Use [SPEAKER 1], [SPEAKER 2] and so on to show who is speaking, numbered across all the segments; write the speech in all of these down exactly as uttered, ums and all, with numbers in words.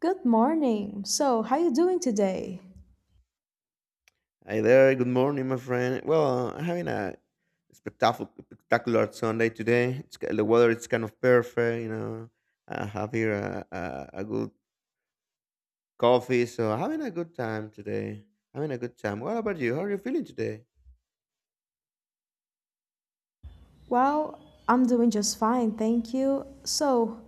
[SPEAKER 1] Good morning. So, how you doing today?
[SPEAKER 2] Hi there. Good morning, my friend. Well, I'm having a spectacular, spectacular Sunday today. It's, ki- the weather is kind of perfect. You know, I have here a, a, a good coffee, so having a good time today. Having a good time. What about you? How are you feeling today?
[SPEAKER 1] Well, I'm doing just fine, thank you. So,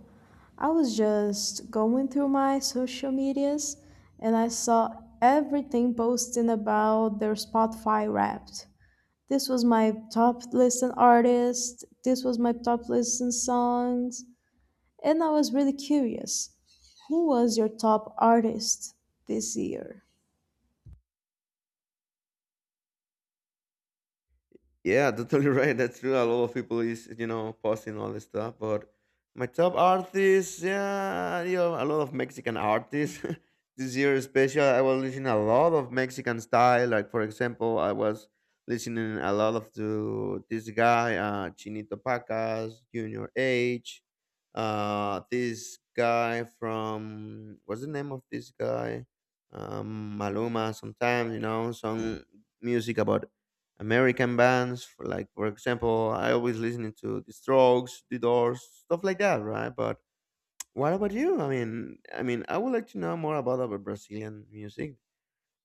[SPEAKER 1] I was just going through my social medias and I saw everything posting about their Spotify Wrapped. This was my top listed artist, this was my top listed songs, and I was really curious. Who was your top artist this year?
[SPEAKER 2] Yeah, totally right. That's true. A lot of people is you know posting all this stuff, but my top artists, yeah, you know, a lot of Mexican artists this year, especially. I was listening a lot of Mexican style. Like for example, I was listening a lot of to this guy, uh, Chinito Pacas, Junior H. Uh, this guy from what's the name of this guy? Um, Maluma. Sometimes you know some music about American bands, for like for example, I always listening to The Strokes, The Doors, stuff like that, right? But what about you? I mean, I mean, I would like to know more about our Brazilian music.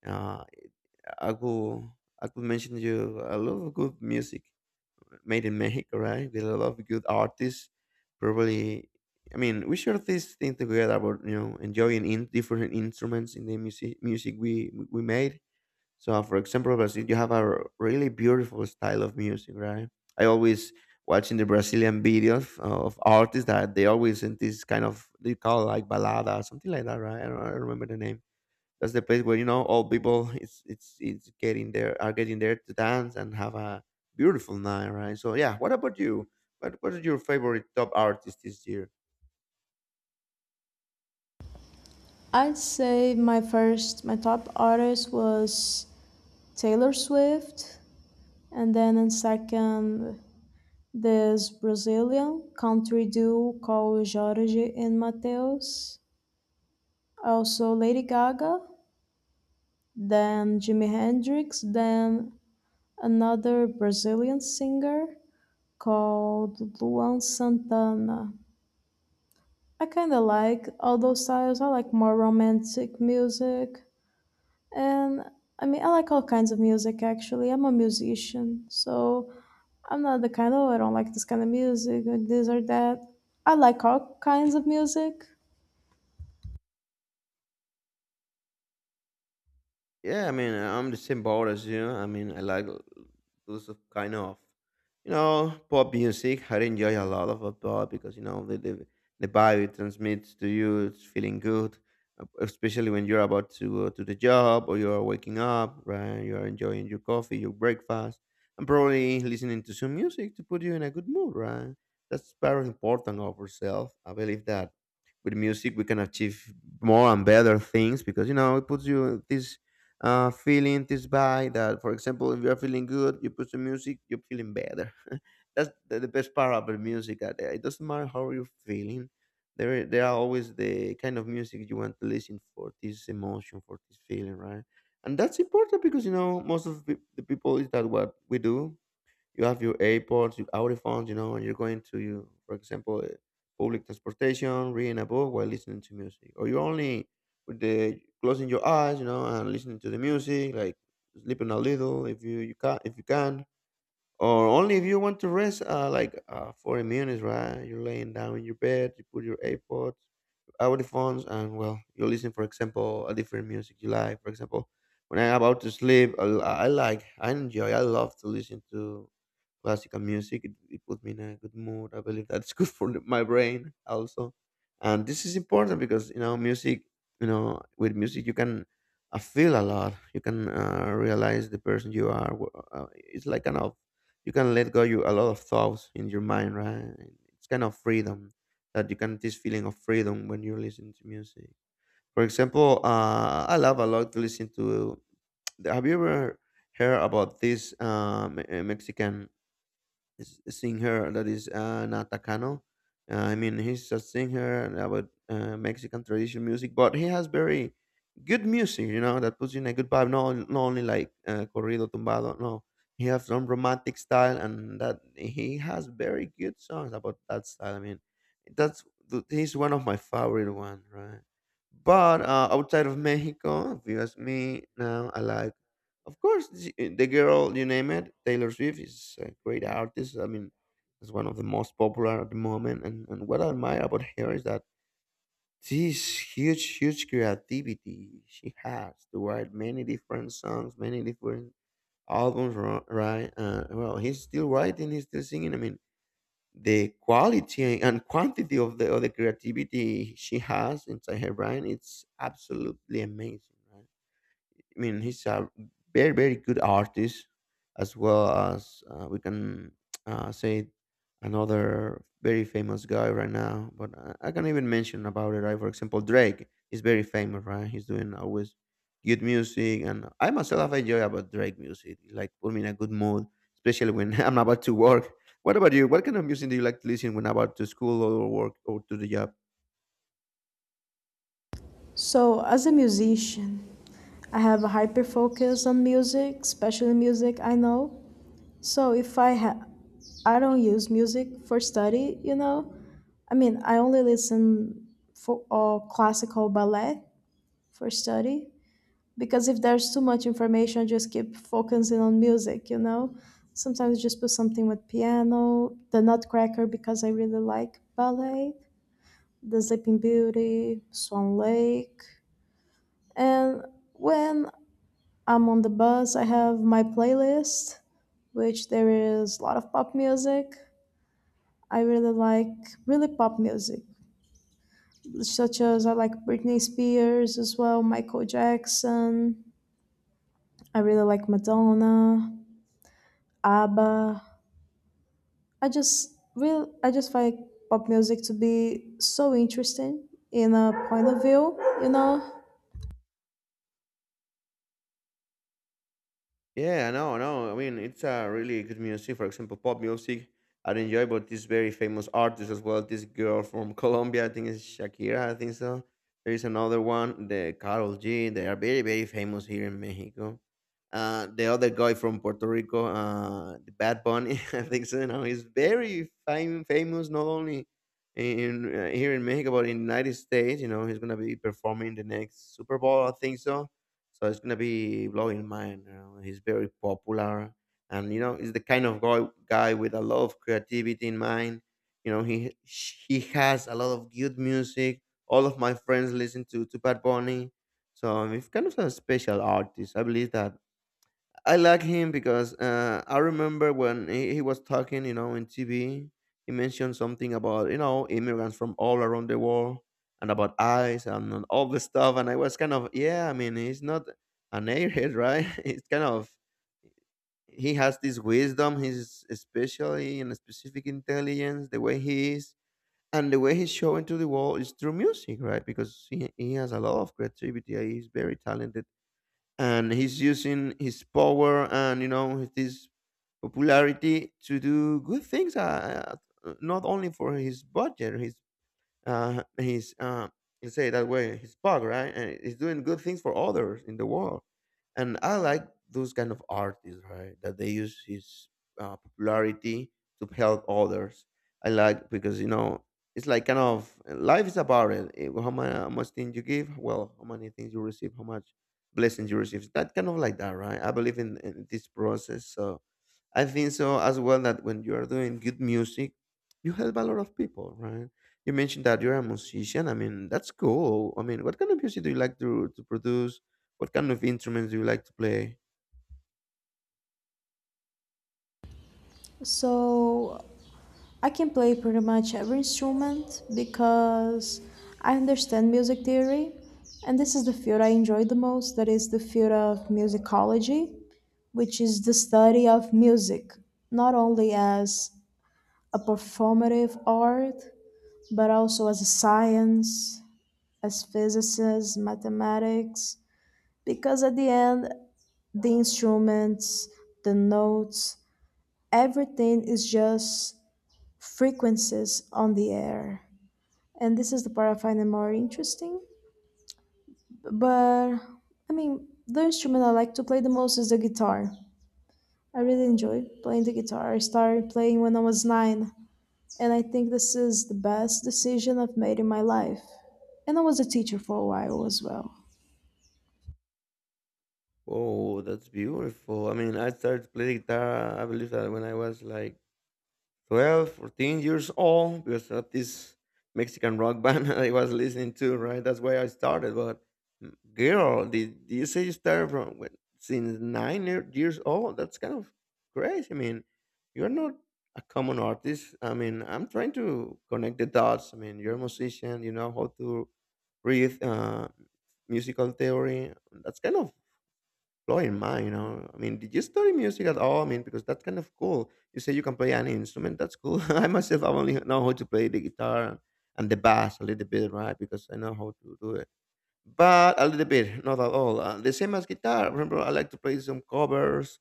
[SPEAKER 2] Uh, I could I could mention you a lot of good music made in Mexico, right? With a lot of good artists. Probably, I mean, we share this thing together about you know enjoying in different instruments in the music music we we made. So, uh, for example, Brazil, you have a r- really beautiful style of music, right? I always watching the Brazilian videos uh, of artists that they always in this kind of they call like balada, something like that, right? I don't, I don't remember the name. That's the place where you know all people it's it's it's getting there are getting there to dance and have a beautiful night, right? So yeah, what about you? What what is your favorite top artist this year?
[SPEAKER 1] I'd say my first, my top artist was Taylor Swift, and then in second, this Brazilian country duo called Jorge and Mateus. Also Lady Gaga, then Jimi Hendrix, then another Brazilian singer called Luan Santana. I kind of like all those styles. I like more romantic music. And I mean, I like all kinds of music actually. I'm a musician, so I'm not the kind of, I don't like this kind of music or this or that. I like all kinds of music.
[SPEAKER 2] Yeah, I mean, I'm the same boat as you. I mean, I like those of kind of, you know, pop music. I enjoy a lot of pop because you know the the, the vibe it transmits to you. It's feeling good, uh, especially when you're about to go to the job or you're waking up. Right, you're enjoying your coffee, your breakfast, and probably listening to some music to put you in a good mood. Right, that's very important of ourselves. I believe that with music we can achieve more and better things because you know it puts you this uh, feeling this by that. For example, if you're feeling good you put some music you're feeling better. That's the, the best part about music, that uh, it doesn't matter how you're feeling, there there are always the kind of music you want to listen for this emotion, for this feeling, right? And that's important because you know most of the the people is that what we do. You have your AirPods, your audiphones, you know, and you're going to, you, for example, uh, public transportation, reading a book while listening to music, or you're only with the closing your eyes, you know, and listening to the music, like sleeping a little if you you can if you can, or only if you want to rest, uh, like uh, forty minutes, right? You're laying down in your bed, you put your AirPods, audiphones, and well, you listen, for example, a different music you like, for example. When I'm about to sleep, I, I like, I enjoy, I love to listen to classical music. It, it puts me in a good mood. I believe that's good for the- my brain also, and this is important because you know music. You know, with music you can uh, feel a lot. You can uh, realize the person you are. Wh- Uh, it's like kind of you can let go you a lot of thoughts in your mind, right? It's kind of freedom that you can this feeling of freedom when you listen to music. For example, uh, I love a lot to listen to. Have you ever heard about this um, Mexican s- singer that is an Atacano? Uh, I mean, he's a singer about uh, Mexican traditional music, but he has very good music, you know, that puts you in a good vibe. Not, on- not only like uh, corrido tumbado, no. He has some romantic style, and that he has very good songs about that style. I mean, that's th- he's one of my favorite one, right? But uh, outside of Mexico, if you ask me now, I like of course, the the girl you name it, Taylor Swift is a great artist. I mean, is one of the most popular at the moment. And and what I admire about her is that this huge, huge creativity she has to write many different songs, many different albums. ri- Right? Uh, well, he's still writing, he's still singing. I mean, the quality and quantity of the of the creativity she has inside her brain, it's absolutely amazing. Right? I mean, he's a very, very good artist, as well as uh, we can uh, say another very famous guy right now. But I, I can even mention about it, right? For example, Drake is very famous, right? He's doing always good music, and I myself I enjoy about Drake music. It, Like put me in a good mood, especially when I'm about to work. What about you? What kind of music do you like to listen when about to school or work or to the job?
[SPEAKER 1] So, as a musician, I have a hyper focus on music, especially music I know. So, if I ha- I don't use music for study, you know. I mean, I only listen for all classical ballet for study, because if there's too much information I just keep focusing on music. You know, sometimes I just put something with piano, the Nutcracker, because I really like ballet, the Sleeping Beauty, Swan Lake. And when I'm on the bus, I have my playlist, which there is a lot of pop music. I really like really pop music, such as I like Britney Spears as well, Michael Jackson. I really like Madonna, ABBA. I just will I just find pop music to be so interesting in a point of view, you know.
[SPEAKER 2] Yeah, no, no. I mean, it's a uh, really good music. For example, pop music, I enjoy. But this very famous artist as well. This girl from Colombia, I think it's Shakira. I think so. There is another one, the Carol G. They are very, very famous here in Mexico. Uh, the other guy from Puerto Rico, uh, the Bad Bunny, I think so. Now he's very fam- famous, not only in uh, here in Mexico, but in United States. You know, he's gonna be performing the next Super Bowl. I think so so it's gonna be blowing mind. You know, he's very popular, and you know, he's the kind of guy guy with a lot of creativity in mind. You know, he he has a lot of good music. All of my friends listen to to Bad Bunny, so he's kind of a special artist. I believe that I like him because uh, I remember when he, he was talking, you know, in T V, he mentioned something about, you know, immigrants from all around the world and about ICE and on all this stuff. And I was kind of, yeah, I mean, he's not an airhead, right? It's kind of, he has this wisdom, his especially and specific intelligence, the way he is. And the way he's showing to the world is through music, right? Because he, he has a lot of creativity. He's very talented and he's using his power and you know his popularity to do good things uh, uh, not only for his budget his uh, he's uh, let's say it that way. He's bug right, and he's doing good things for others in the world. And I like those kind of artists, right? That they use his uh, popularity to help others. I like because you know it's like kind of eh, life is about it. Eh, How much, how much things you give, well, how many things you receive, how much blessings you receive. That kind of like that, right? I believe in, in this process. So I think so as well that when you are doing good music, you help a lot of people, right? You mentioned that you're a musician. I mean, that's cool. I mean, what kind of music do you like to to produce? What kind of instruments do you like to play?
[SPEAKER 1] So I can play pretty much every instrument because I understand music theory, and this is the field I enjoy the most, that is the field of musicology, which is the study of music, not only as a performative art, but also as a science, as physicists, mathematics, because at the end, the instruments, the notes, everything is just frequencies on the air, and this is the part I find it more interesting. But I mean, the instrument I like to play the most is the guitar. I really enjoy playing the guitar. I started playing when I was nine, and I think this is the best decision I've made in my life. And I was a teacher for a while as well.
[SPEAKER 2] Oh, that's beautiful. I mean, I started playing guitar, I believe that when I was like twelve, fourteen years old because of this Mexican rock band I was listening to, right? That's why I started. But mm, girl, did, did you say you started from when, since nine year- years old? That's kind of crazy. I mean, you're not a common artist. I mean, I'm trying to connect the dots. I mean, you're a musician, you know how to read uh, musical theory. That's kind of blowing mine, you know. I mean, did you study music at all? I mean, because that's kind of cool. You say you can play any instrument, that's cool. I myself, I only know how to play the guitar and the bass a little bit, right? Because I know how to do it. But a little bit, not at all. Uh, the same as guitar. Remember, I like to play some covers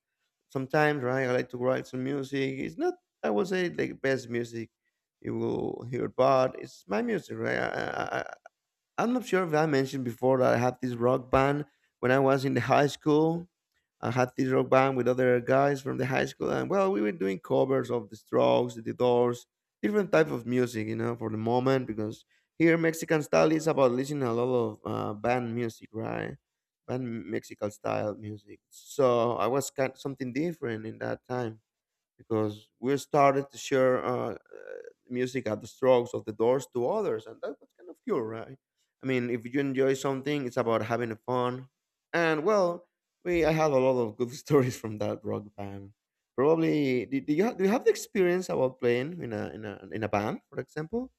[SPEAKER 2] sometimes, right? I like to write some music. It's not, I would say, the best music you will hear, but it's my music, right? I, I, I'm not sure if I mentioned before that I had this rock band when I was in the high school. I had this rock band with other guys from the high school, and well, we were doing covers of the Strokes, the Doors, different type of music, you know, for the moment because here Mexican style is about listening a lot of uh, band music, right? Band Mexican style music. So I was kind something different in that time because we started to share uh, uh, music at the strokes of the doors to others, and that was kind of cool, right? I mean, if you enjoy something, it's about having fun, and well, we I have a lot of good stories from that rock band. Probably, do, do you have, do you have the experience about playing in a in a in a band, for example?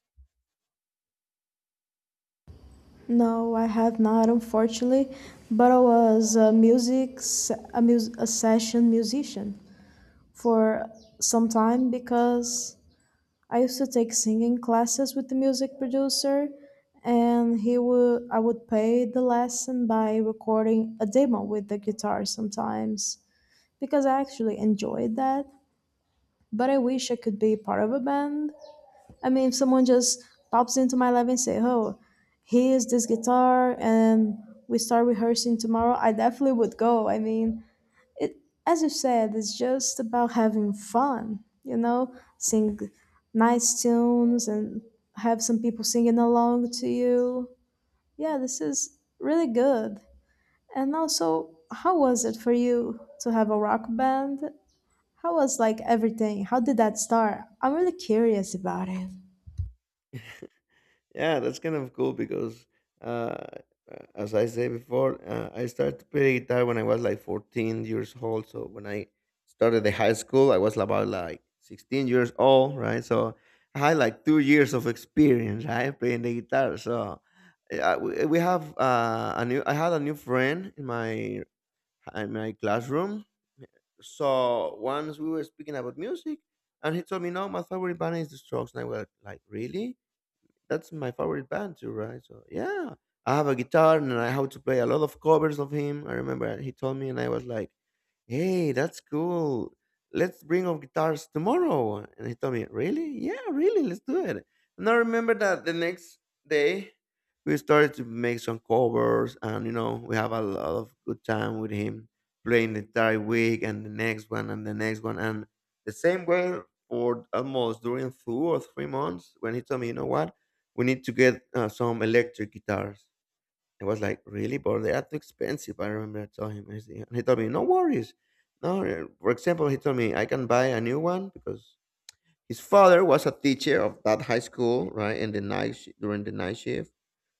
[SPEAKER 1] No, I have not, unfortunately, but I was a music s- a, mus- a session musician for some time because I used to take singing classes with the music producer, and he would I would pay the lesson by recording a demo with the guitar sometimes, because I actually enjoyed that. But I wish I could be part of a band. I mean, if someone just pops into my life and say, "Oh, here's this guitar," and we start rehearsing tomorrow, I definitely would go. I mean, it, as you said, it's just about having fun, you know, sing nice tunes and have some people singing along to you. Yeah, this is really good. And also, how was it for you to have a rock band? How was like everything? How did that start? I'm really curious about it.
[SPEAKER 2] Yeah, that's kind of cool because, uh, uh, as I said before, uh, I started to play guitar when I was like fourteen years old. So when I started the high school, I was about like sixteen years old, right? So I had like two years of experience, right, playing the guitar. So uh, we we have uh, a new. I had a new friend in my in my classroom. So once we were speaking about music, and he told me, "No, my favorite band is the Strokes," and I was like, "Really?" That's my favorite band too, right? So yeah, I have a guitar and I have to play a lot of covers of him. I remember he told me, and I was like, hey, that's cool. Let's bring our guitars tomorrow. And he told me, really? Yeah, really, let's do it. And I remember that the next day we started to make some covers and, you know, we have a lot of good time with him playing the entire week and the next one and the next one. And the same way for almost during two or three months when he told me, you know what, we need to get uh, some electric guitars. I was like, really? But they are too expensive. I remember I told him, and he and he told me, no worries. No, uh, for example, he told me I can buy a new one because his father was a teacher of that high school, right? In the night shi- during the night shift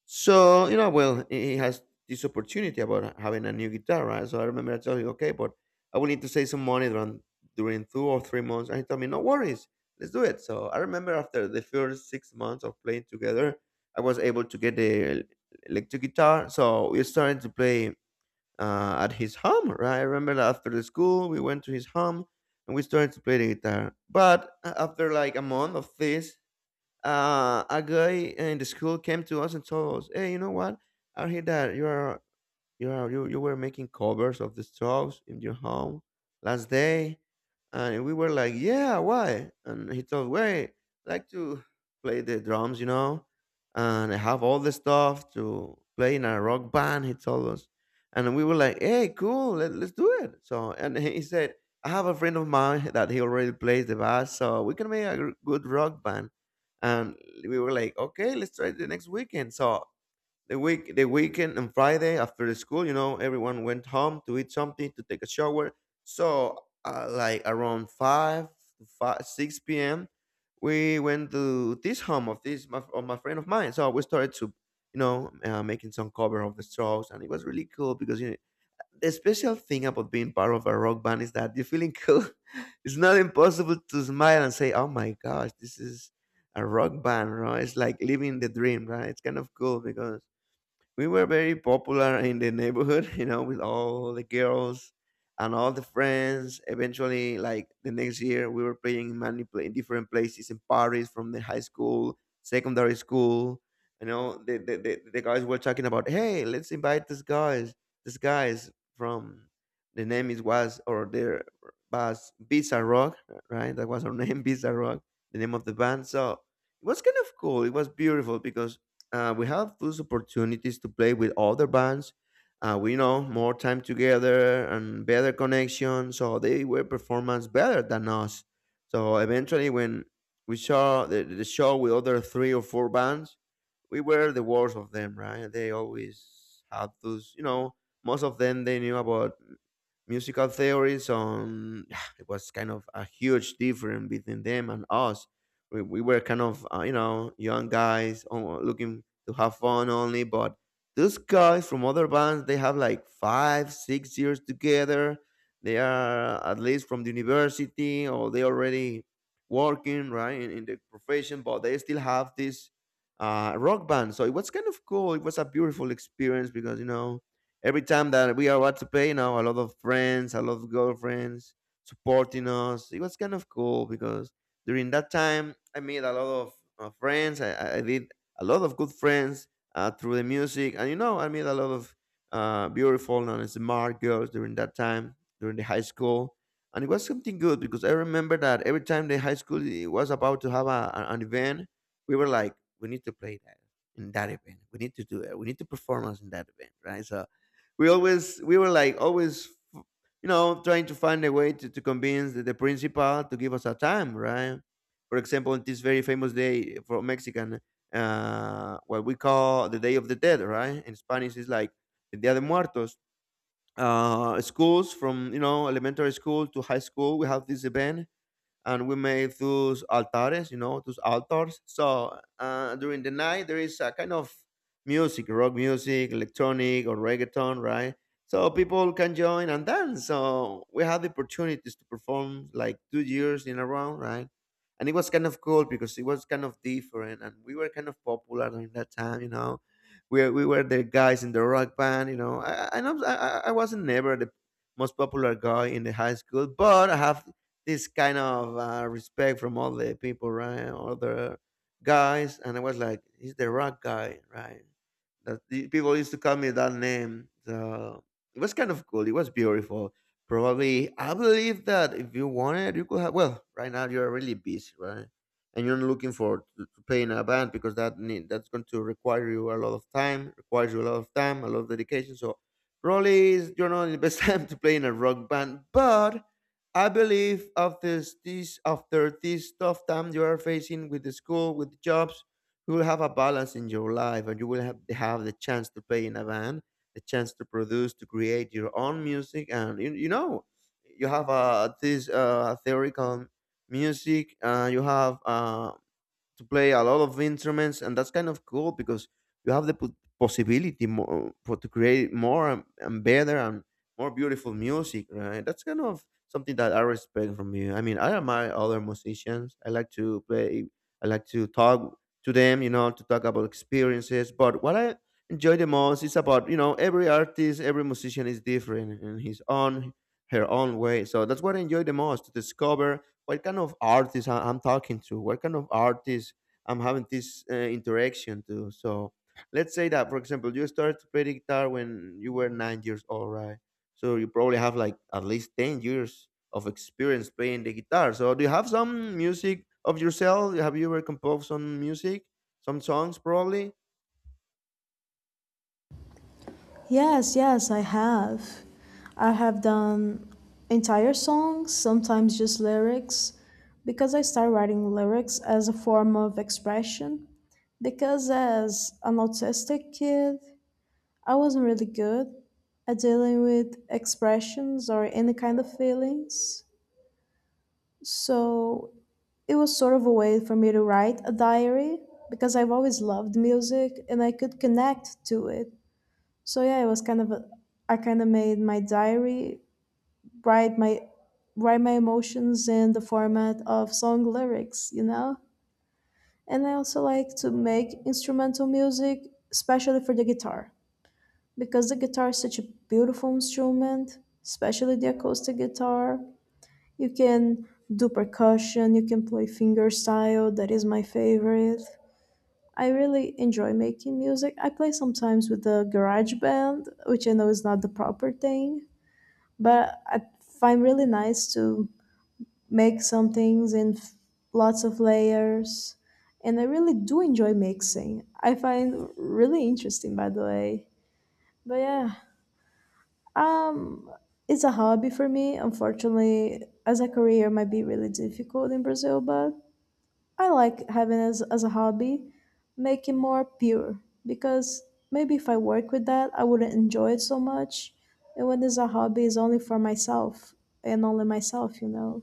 [SPEAKER 2] so, you know, well, he he has this opportunity about having a new guitar, right? So I remember I told him, okay, but I will need to save some money during, during two or three months. And he told me, no worries, let's do it. So I remember after the first six months of playing together, I was able to get the el- electric guitar. So we started to play uh, at his home, right? I remember that after the school, we went to his home and we started to play the guitar. But a- after like a month of this, uh, a guy in the school came to us and told us, "Hey, you know what? I heard that you are you are you, you were making covers of the songs in your home last day. And we were like, yeah, why? And he told, wait, I like to play the drums, you know, and I have all the stuff to play in a rock band, he told us. And we were like, hey, cool, let, let's do it. So, and he said, I have a friend of mine that he already plays the bass, so we can make a gr- good rock band. And we were like, okay, let's try it the next weekend. So the week the weekend and Friday after the school, you know, everyone went home to eat something, to take a shower. So uh, like around five, five, six p m we went to this home of this my, of my friend of mine. So we started to you know uh, making some cover of the Strokes, and it was really cool because you know, the special thing about being part of a rock band is that you're feeling cool. It's not impossible to smile and say, "Oh my gosh, this is." A rock band, right? It's like living the dream, right? It's kind of cool because we were very popular in the neighborhood, you know, with all the girls and all the friends. Eventually, like the next year, we were playing in many pla- in different places in Paris, from the high school, secondary school. You know, the, the, the, the guys were talking about, hey, let's invite this guys, this guys from the name is was or their was Bizarre Rock, right? That was our name, Bizarre Rock, the name of the band. So it was kind of cool. It was beautiful because uh, we have those opportunities to play with other bands. Uh, we know more time together and better connection, so they were performance better than us. So eventually, when we saw the, the show with other three or four bands, we were the worst of them, right? They always had those, you know, most of them they knew about musical theories on it was kind of a huge difference between them and us we, we were kind of uh, you know young guys uh, looking to have fun only but those guys from other bands they have like five six years together they are uh, at least from the university or they already working right in, in the profession but they still have this uh, rock band so it was kind of cool it was a beautiful experience because you know every time that we are about to pay, you know, a lot of friends, a lot of girlfriends supporting us. It was kind of cool because during that time, I made a lot of uh, friends. I, I I did a lot of good friends uh, through the music. And, you know, I made a lot of uh, beautiful and smart girls during that time, during the high school. And it was something good because I remember that every time the high school i- was about to have a, a- an event, we were like, we need to play that in that event. We need to do it. We need to perform us in that event, right? So we always we were like always you know trying to find a way to, to convince the, the principal to give us a time right for example on this very famous day for Mexican uh what we call the day of the dead right in Spanish is like the dia de muertos uh schools from you know elementary school to high school we have this event and we made those altares, you know, those altars. So uh, during the night, there is a kind of music, rock music, electronic or reggaeton, right? So people can join and dance. So we had the opportunities to perform like two years in a row, right? And it was kind of cool because it was kind of different, and we were kind of popular during that time, you know. We, we were the guys in the rock band, you know. I I, I, I wasn't never the most popular guy in the high school, but I have this kind of uh, respect from all the people, right? All the guys, and I was like, he's the rock guy, right? That the people used to call me that name. So it was kind of cool. It was beautiful. Probably, I believe that if you wanted, you could have. Well, right now you're really busy, right? And you're not looking for to, to play in a band because that need, that's going to require you a lot of time, requires you a lot of time, a lot of dedication. So probably is- you're not in the best time to play in a rock band, but I believe after this, after this tough time you are facing with the school, with the jobs, you will have a balance in your life, and you will have have the chance to play in a band, the chance to produce, to create your own music, and you, you know, you have uh, this uh, theoretical music, uh, you have uh, to play a lot of instruments, and that's kind of cool because you have the po- possibility more, for to create more and, and better and more beautiful music, right? That's kind of something that I respect from you. I mean, I admire other musicians. I like to play. I like to talk to them, you know, to talk about experiences. But what I enjoy the most is about you know every artist, every musician is different in his own her own way. So that's what I enjoy the most: to discover what kind of artist I- I'm talking to, what kind of artist I'm having this uh, interaction to. So let's say that, for example, you started to play the guitar when you were nine years old, right? So you probably have like at least ten years of experience playing the guitar. So do you have some music of yourself? Have you ever composed some music, some songs probably?
[SPEAKER 1] Yes, yes, I have. I have done entire songs, sometimes just lyrics, because I started writing lyrics as a form of expression. Because as an autistic kid, I wasn't really good at dealing with expressions or any kind of feelings. So it was sort of a way for me to write a diary, because I've always loved music and I could connect to it. So yeah, it was kind of a, I kind of made my diary, write my write my emotions in the format of song lyrics, you know? And I also like to make instrumental music, especially for the guitar, because the guitar is such a beautiful instrument, especially the acoustic guitar. You can do percussion, you can play fingerstyle, that is my favorite. I really enjoy making music. I play sometimes with the garage band, which I know is not the proper thing, but I find really nice to make some things in f- lots of layers, and I really do enjoy mixing. I find really interesting, by the way. But yeah, um, it's a hobby for me. Unfortunately, as a career, might be really difficult in Brazil, but I like having as as a hobby, making more pure, because maybe if I work with that, I wouldn't enjoy it so much. And when it's a hobby, it's only for myself and only myself, you know.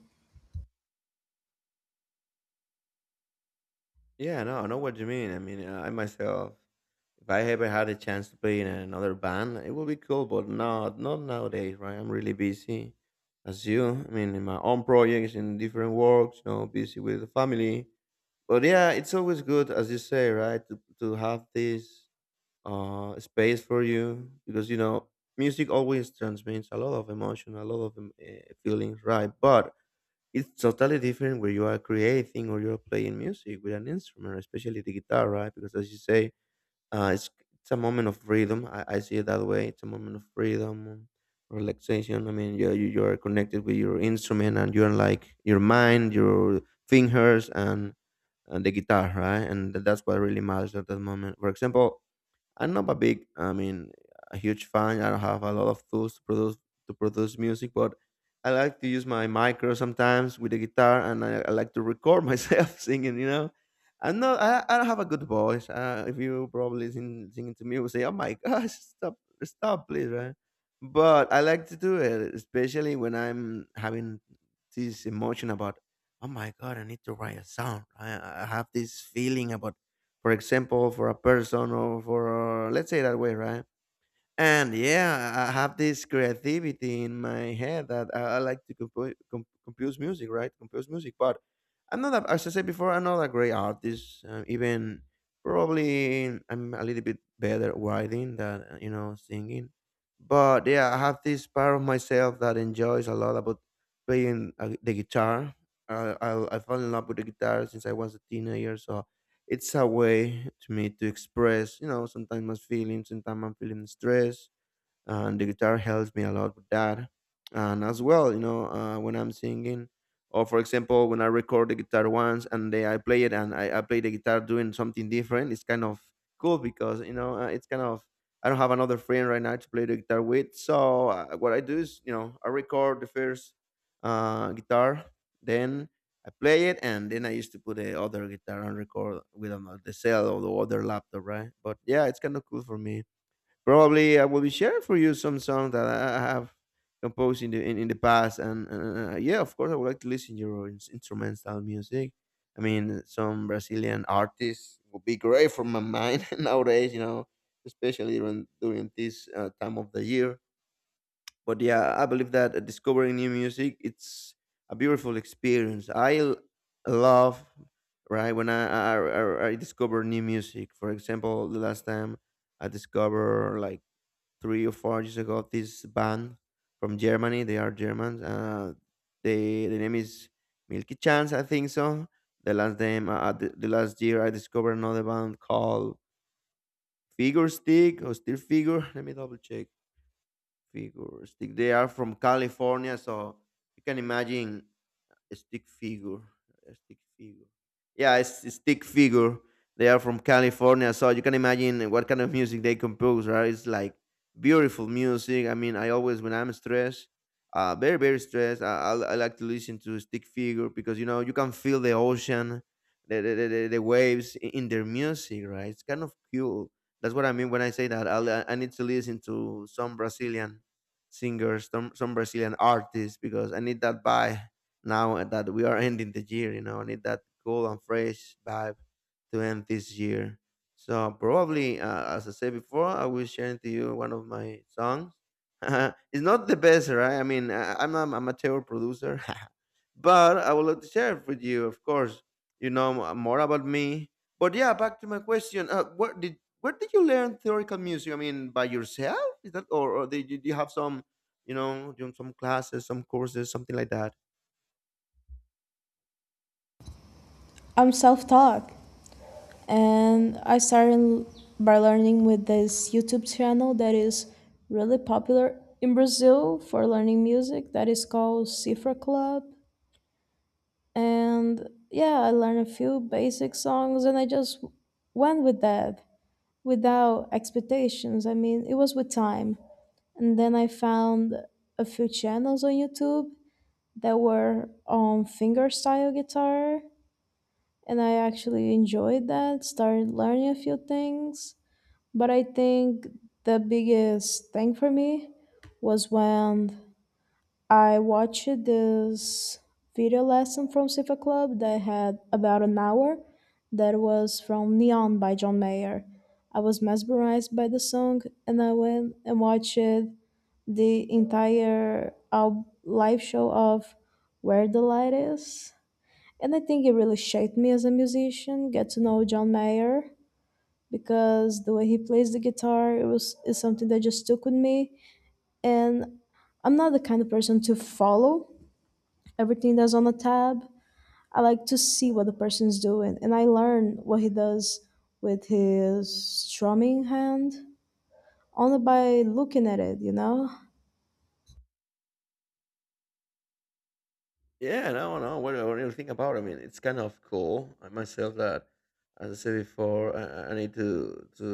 [SPEAKER 2] Yeah, no, I know what you mean. I mean, uh, I myself, if I ever had a chance to play in another band, it would be cool, but not not nowadays, right? I'm really busy, as you. I mean, in my own projects, in different works, you know, busy with the family. But yeah, it's always good, as you say, right, to to have this uh space for you, because you know music always transmits a lot of emotion, a lot of um, eh, feelings, right? But it's totally different where you are creating or you're playing music with an instrument, especially the guitar, right? Because as you say, uh, it's it's a moment of freedom. I, I see it that way. It's a moment of freedom, um, relaxation. I mean, you you you are connected with your instrument, and you're like your mind, your fingers, and and the guitar, right? And that's what really matters at that moment. For example, I'm not a big, I mean, a huge fan. I don't have a lot of tools to produce to produce music, but I like to use my micro sometimes with the guitar, and I, I like to record myself singing. You know, I'm not, I, I don't have a good voice. Uh, if you probably sing singing to me, will say, "Oh my gosh, stop, stop, please!" Right? But I like to do it, especially when I'm having this emotion about, "Oh my god, I need to write a song." I, I have this feeling about, for example, for a person, or for, let's say, that way, right? And yeah, I I have this creativity in my head that I, I like to compo- com- compose music, right? Compose music. But I'm not, a, as I said before, I'm not a great artist. Uh, even probably I'm a little bit better at writing than, uh, you know, singing. But yeah, I have this part of myself that enjoys a lot about playing uh, the guitar. I, I, I fell in love with the guitar since I was a teenager. So it's a way to me to express, you know, sometimes my feelings, sometimes I'm feeling stress, and the guitar helps me a lot with that. And as well, you know, uh, when I'm singing, or for example, when I record the guitar once and then I play it, and I, I play the guitar doing something different, it's kind of cool because, you know, uh, it's kind of, I don't have another friend right now to play the guitar with. So uh, what I do is, you know, I record the first uh, guitar, then I play it, and then I used to put the other guitar and record with another, the cell or the other laptop, right? But yeah, it's kind of cool for me. Probably I will be sharing for you some song that I I have composed in the in, in the past. And uh, yeah, of course, I would like to listen to your ins- instrumental music. I mean, some Brazilian artists would be great for my mind nowadays. You know, especially during during this uh, time of the year. But yeah, I believe that uh, discovering new music, it's a beautiful experience. I l- love right when I I, I I discover new music. For example, the last time I discover like three or four years ago this band from Germany. They are Germans. Uh, they the name is Milky Chance, I think so. The last name uh, uh, the, the last year I discovered another band called Figure Stick, or Steel Figure. Let me double check. Figure Stick. They are from California, so you can imagine a stick figure. A stick figure. Yeah, it's a stick figure. They are from California, so you can imagine what kind of music they compose, right? It's like beautiful music. I mean, I always, when I'm stressed, uh, very, very stressed, I, I, I like to listen to Stick Figure, because you know you can feel the ocean, the the, the, the the waves i- in their music, right? It's kind of cool. That's what I mean when I say that. I'll, I I need to listen to some Brazilian singers, some, some Brazilian artists, because I need that vibe now that we are ending the year, you know, I need that cool and fresh vibe to end this year. So probably, uh, as I said before, I will share to you one of my songs. It's not the best, right? I mean, I, I'm not a amateur producer, but I would like to share it with you, of course. You know m- more about me, but yeah, back to my question: uh, where did where did you learn theoretical music? I mean, by yourself? Is that, or, or did you, do you have some, you know, doing some classes, some courses, something like that?
[SPEAKER 1] I'm self-taught, and I started by learning with this YouTube channel that is really popular in Brazil for learning music. That is called Cifra Club, and yeah, I learned a few basic songs, and I just went with that without expectations. I mean, it was with time. And then I found a few channels on YouTube that were on fingerstyle guitar, and I actually enjoyed that, started learning a few things. But I think the biggest thing for me was when I watched this video lesson from Sifa Club that had about an hour that was from Neon by John Mayer. I was mesmerized by the song, and I went and watched the entire al- live show of Where the Light Is. And I think it really shaped me as a musician, get to know John Mayer, because the way he plays the guitar, it was is something that just stuck with me. And I'm not the kind of person to follow everything that's on the tab. I like to see what the person's doing, and I learn what he does with his strumming hand only by looking at it, you know?
[SPEAKER 2] Yeah, no, no. What, what do you think about it? I mean, it's kind of cool. I myself that, as I said before, I, I I need to to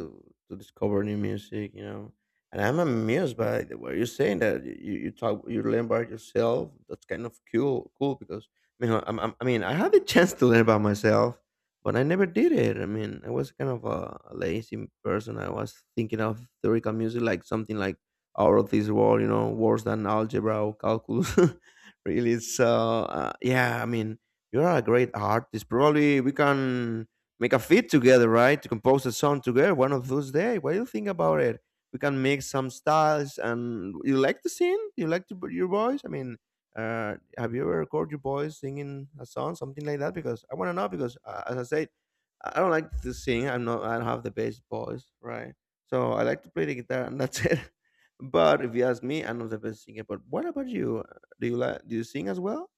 [SPEAKER 2] to discover new music. You know, and I'm amused by the way you're saying that you, you talk you learn by yourself. That's kind of cool, cool, because I mean, I'm, I'm, I mean, I had the chance to learn about myself, but I never did it. I mean, I was kind of a, a lazy person. I was thinking of theoretical music like something like out of this world, you know, worse than algebra or calculus. Really. So uh, yeah, I mean, you're a great artist. Probably we can make a fit together, right? To compose a song together one of those days. What do you think about it? We can make some styles. And you like to sing, you like to your voice. I mean, uh, have you ever recorded your voice singing a song, something like that? Because I want to know, because uh, as I said, i I don't like to sing. I'm not, I don't have the best voice, right? So I like to play the guitar, and that's it. But if you ask me, I'm not the best singer. But what about you, do you like? Do you sing as well?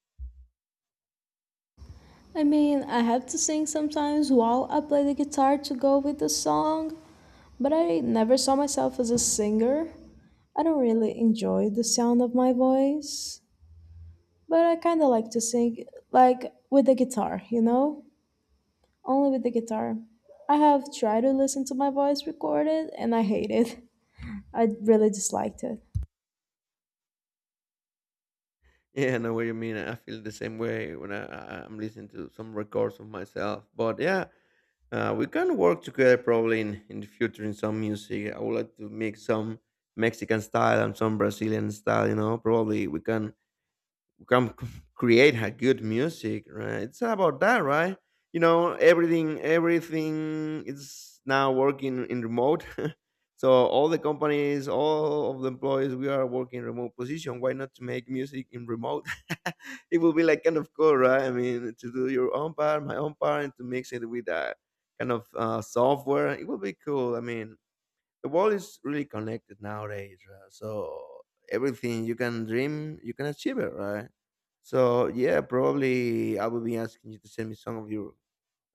[SPEAKER 1] I mean, I have to sing sometimes while I play the guitar to go with the song, but I never saw myself as a singer. I don't really enjoy the sound of my voice, but I kind of like to sing, like with the guitar, you know? Only with the guitar. I have tried to listen to my voice recorded and I hate it. I really disliked it.
[SPEAKER 2] Yeah, I know what you mean. I feel the same way when I, I- I'm listening to some records of myself. But yeah, uh, we can work together probably in, in the future in some music. I would like to make some Mexican style and some Brazilian style, you know. Probably we can we can c- create a good music, right? It's about that, right? You know, everything everything is now working in remote. So all the companies, all of the employees, we are working remote position. Why not to make music in remote? It will be like kind of cool, right? I mean, to do your own part, my own part, and to mix it with that kind of uh, software, it will be cool. I mean, the world is really connected nowadays, right? So everything you can dream, you can achieve it, right? So yeah, probably I will be asking you to send me some of your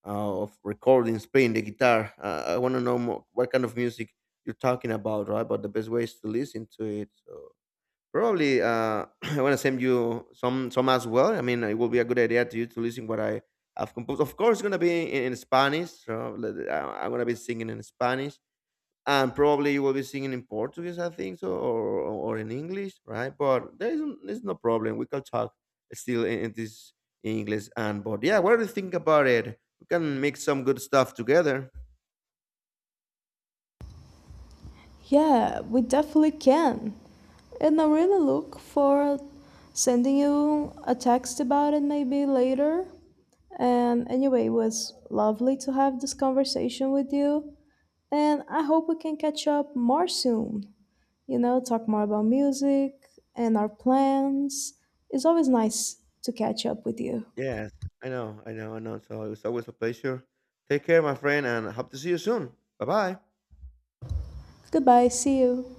[SPEAKER 2] uh, of recordings playing the guitar. uh, I want to know more, what kind of music you're talking about, right? But the best ways to listen to it. So probably uh, I want to send you some some as well. I mean, it will be a good idea to you to listen what I have composed. Of course, it's going to be in, in Spanish. So let- I- i'm going to be singing in Spanish, and probably you will be singing in Portuguese, I think so, or or in English, right? But there is there's no problem. We can talk still in, in this English, and but yeah, what do you think about it? We can make some good stuff together.
[SPEAKER 1] Yeah, we definitely can. And I really look for sending you a text about it maybe later. And anyway, it was lovely to have this conversation with you. And I hope we can catch up more soon. You know, talk more about music and our plans. It's always nice to catch up with you.
[SPEAKER 2] Yes, I know, I know, I know. So it's always a pleasure. Take care, my friend, and hope to see you soon. Bye bye.
[SPEAKER 1] Goodbye, see you.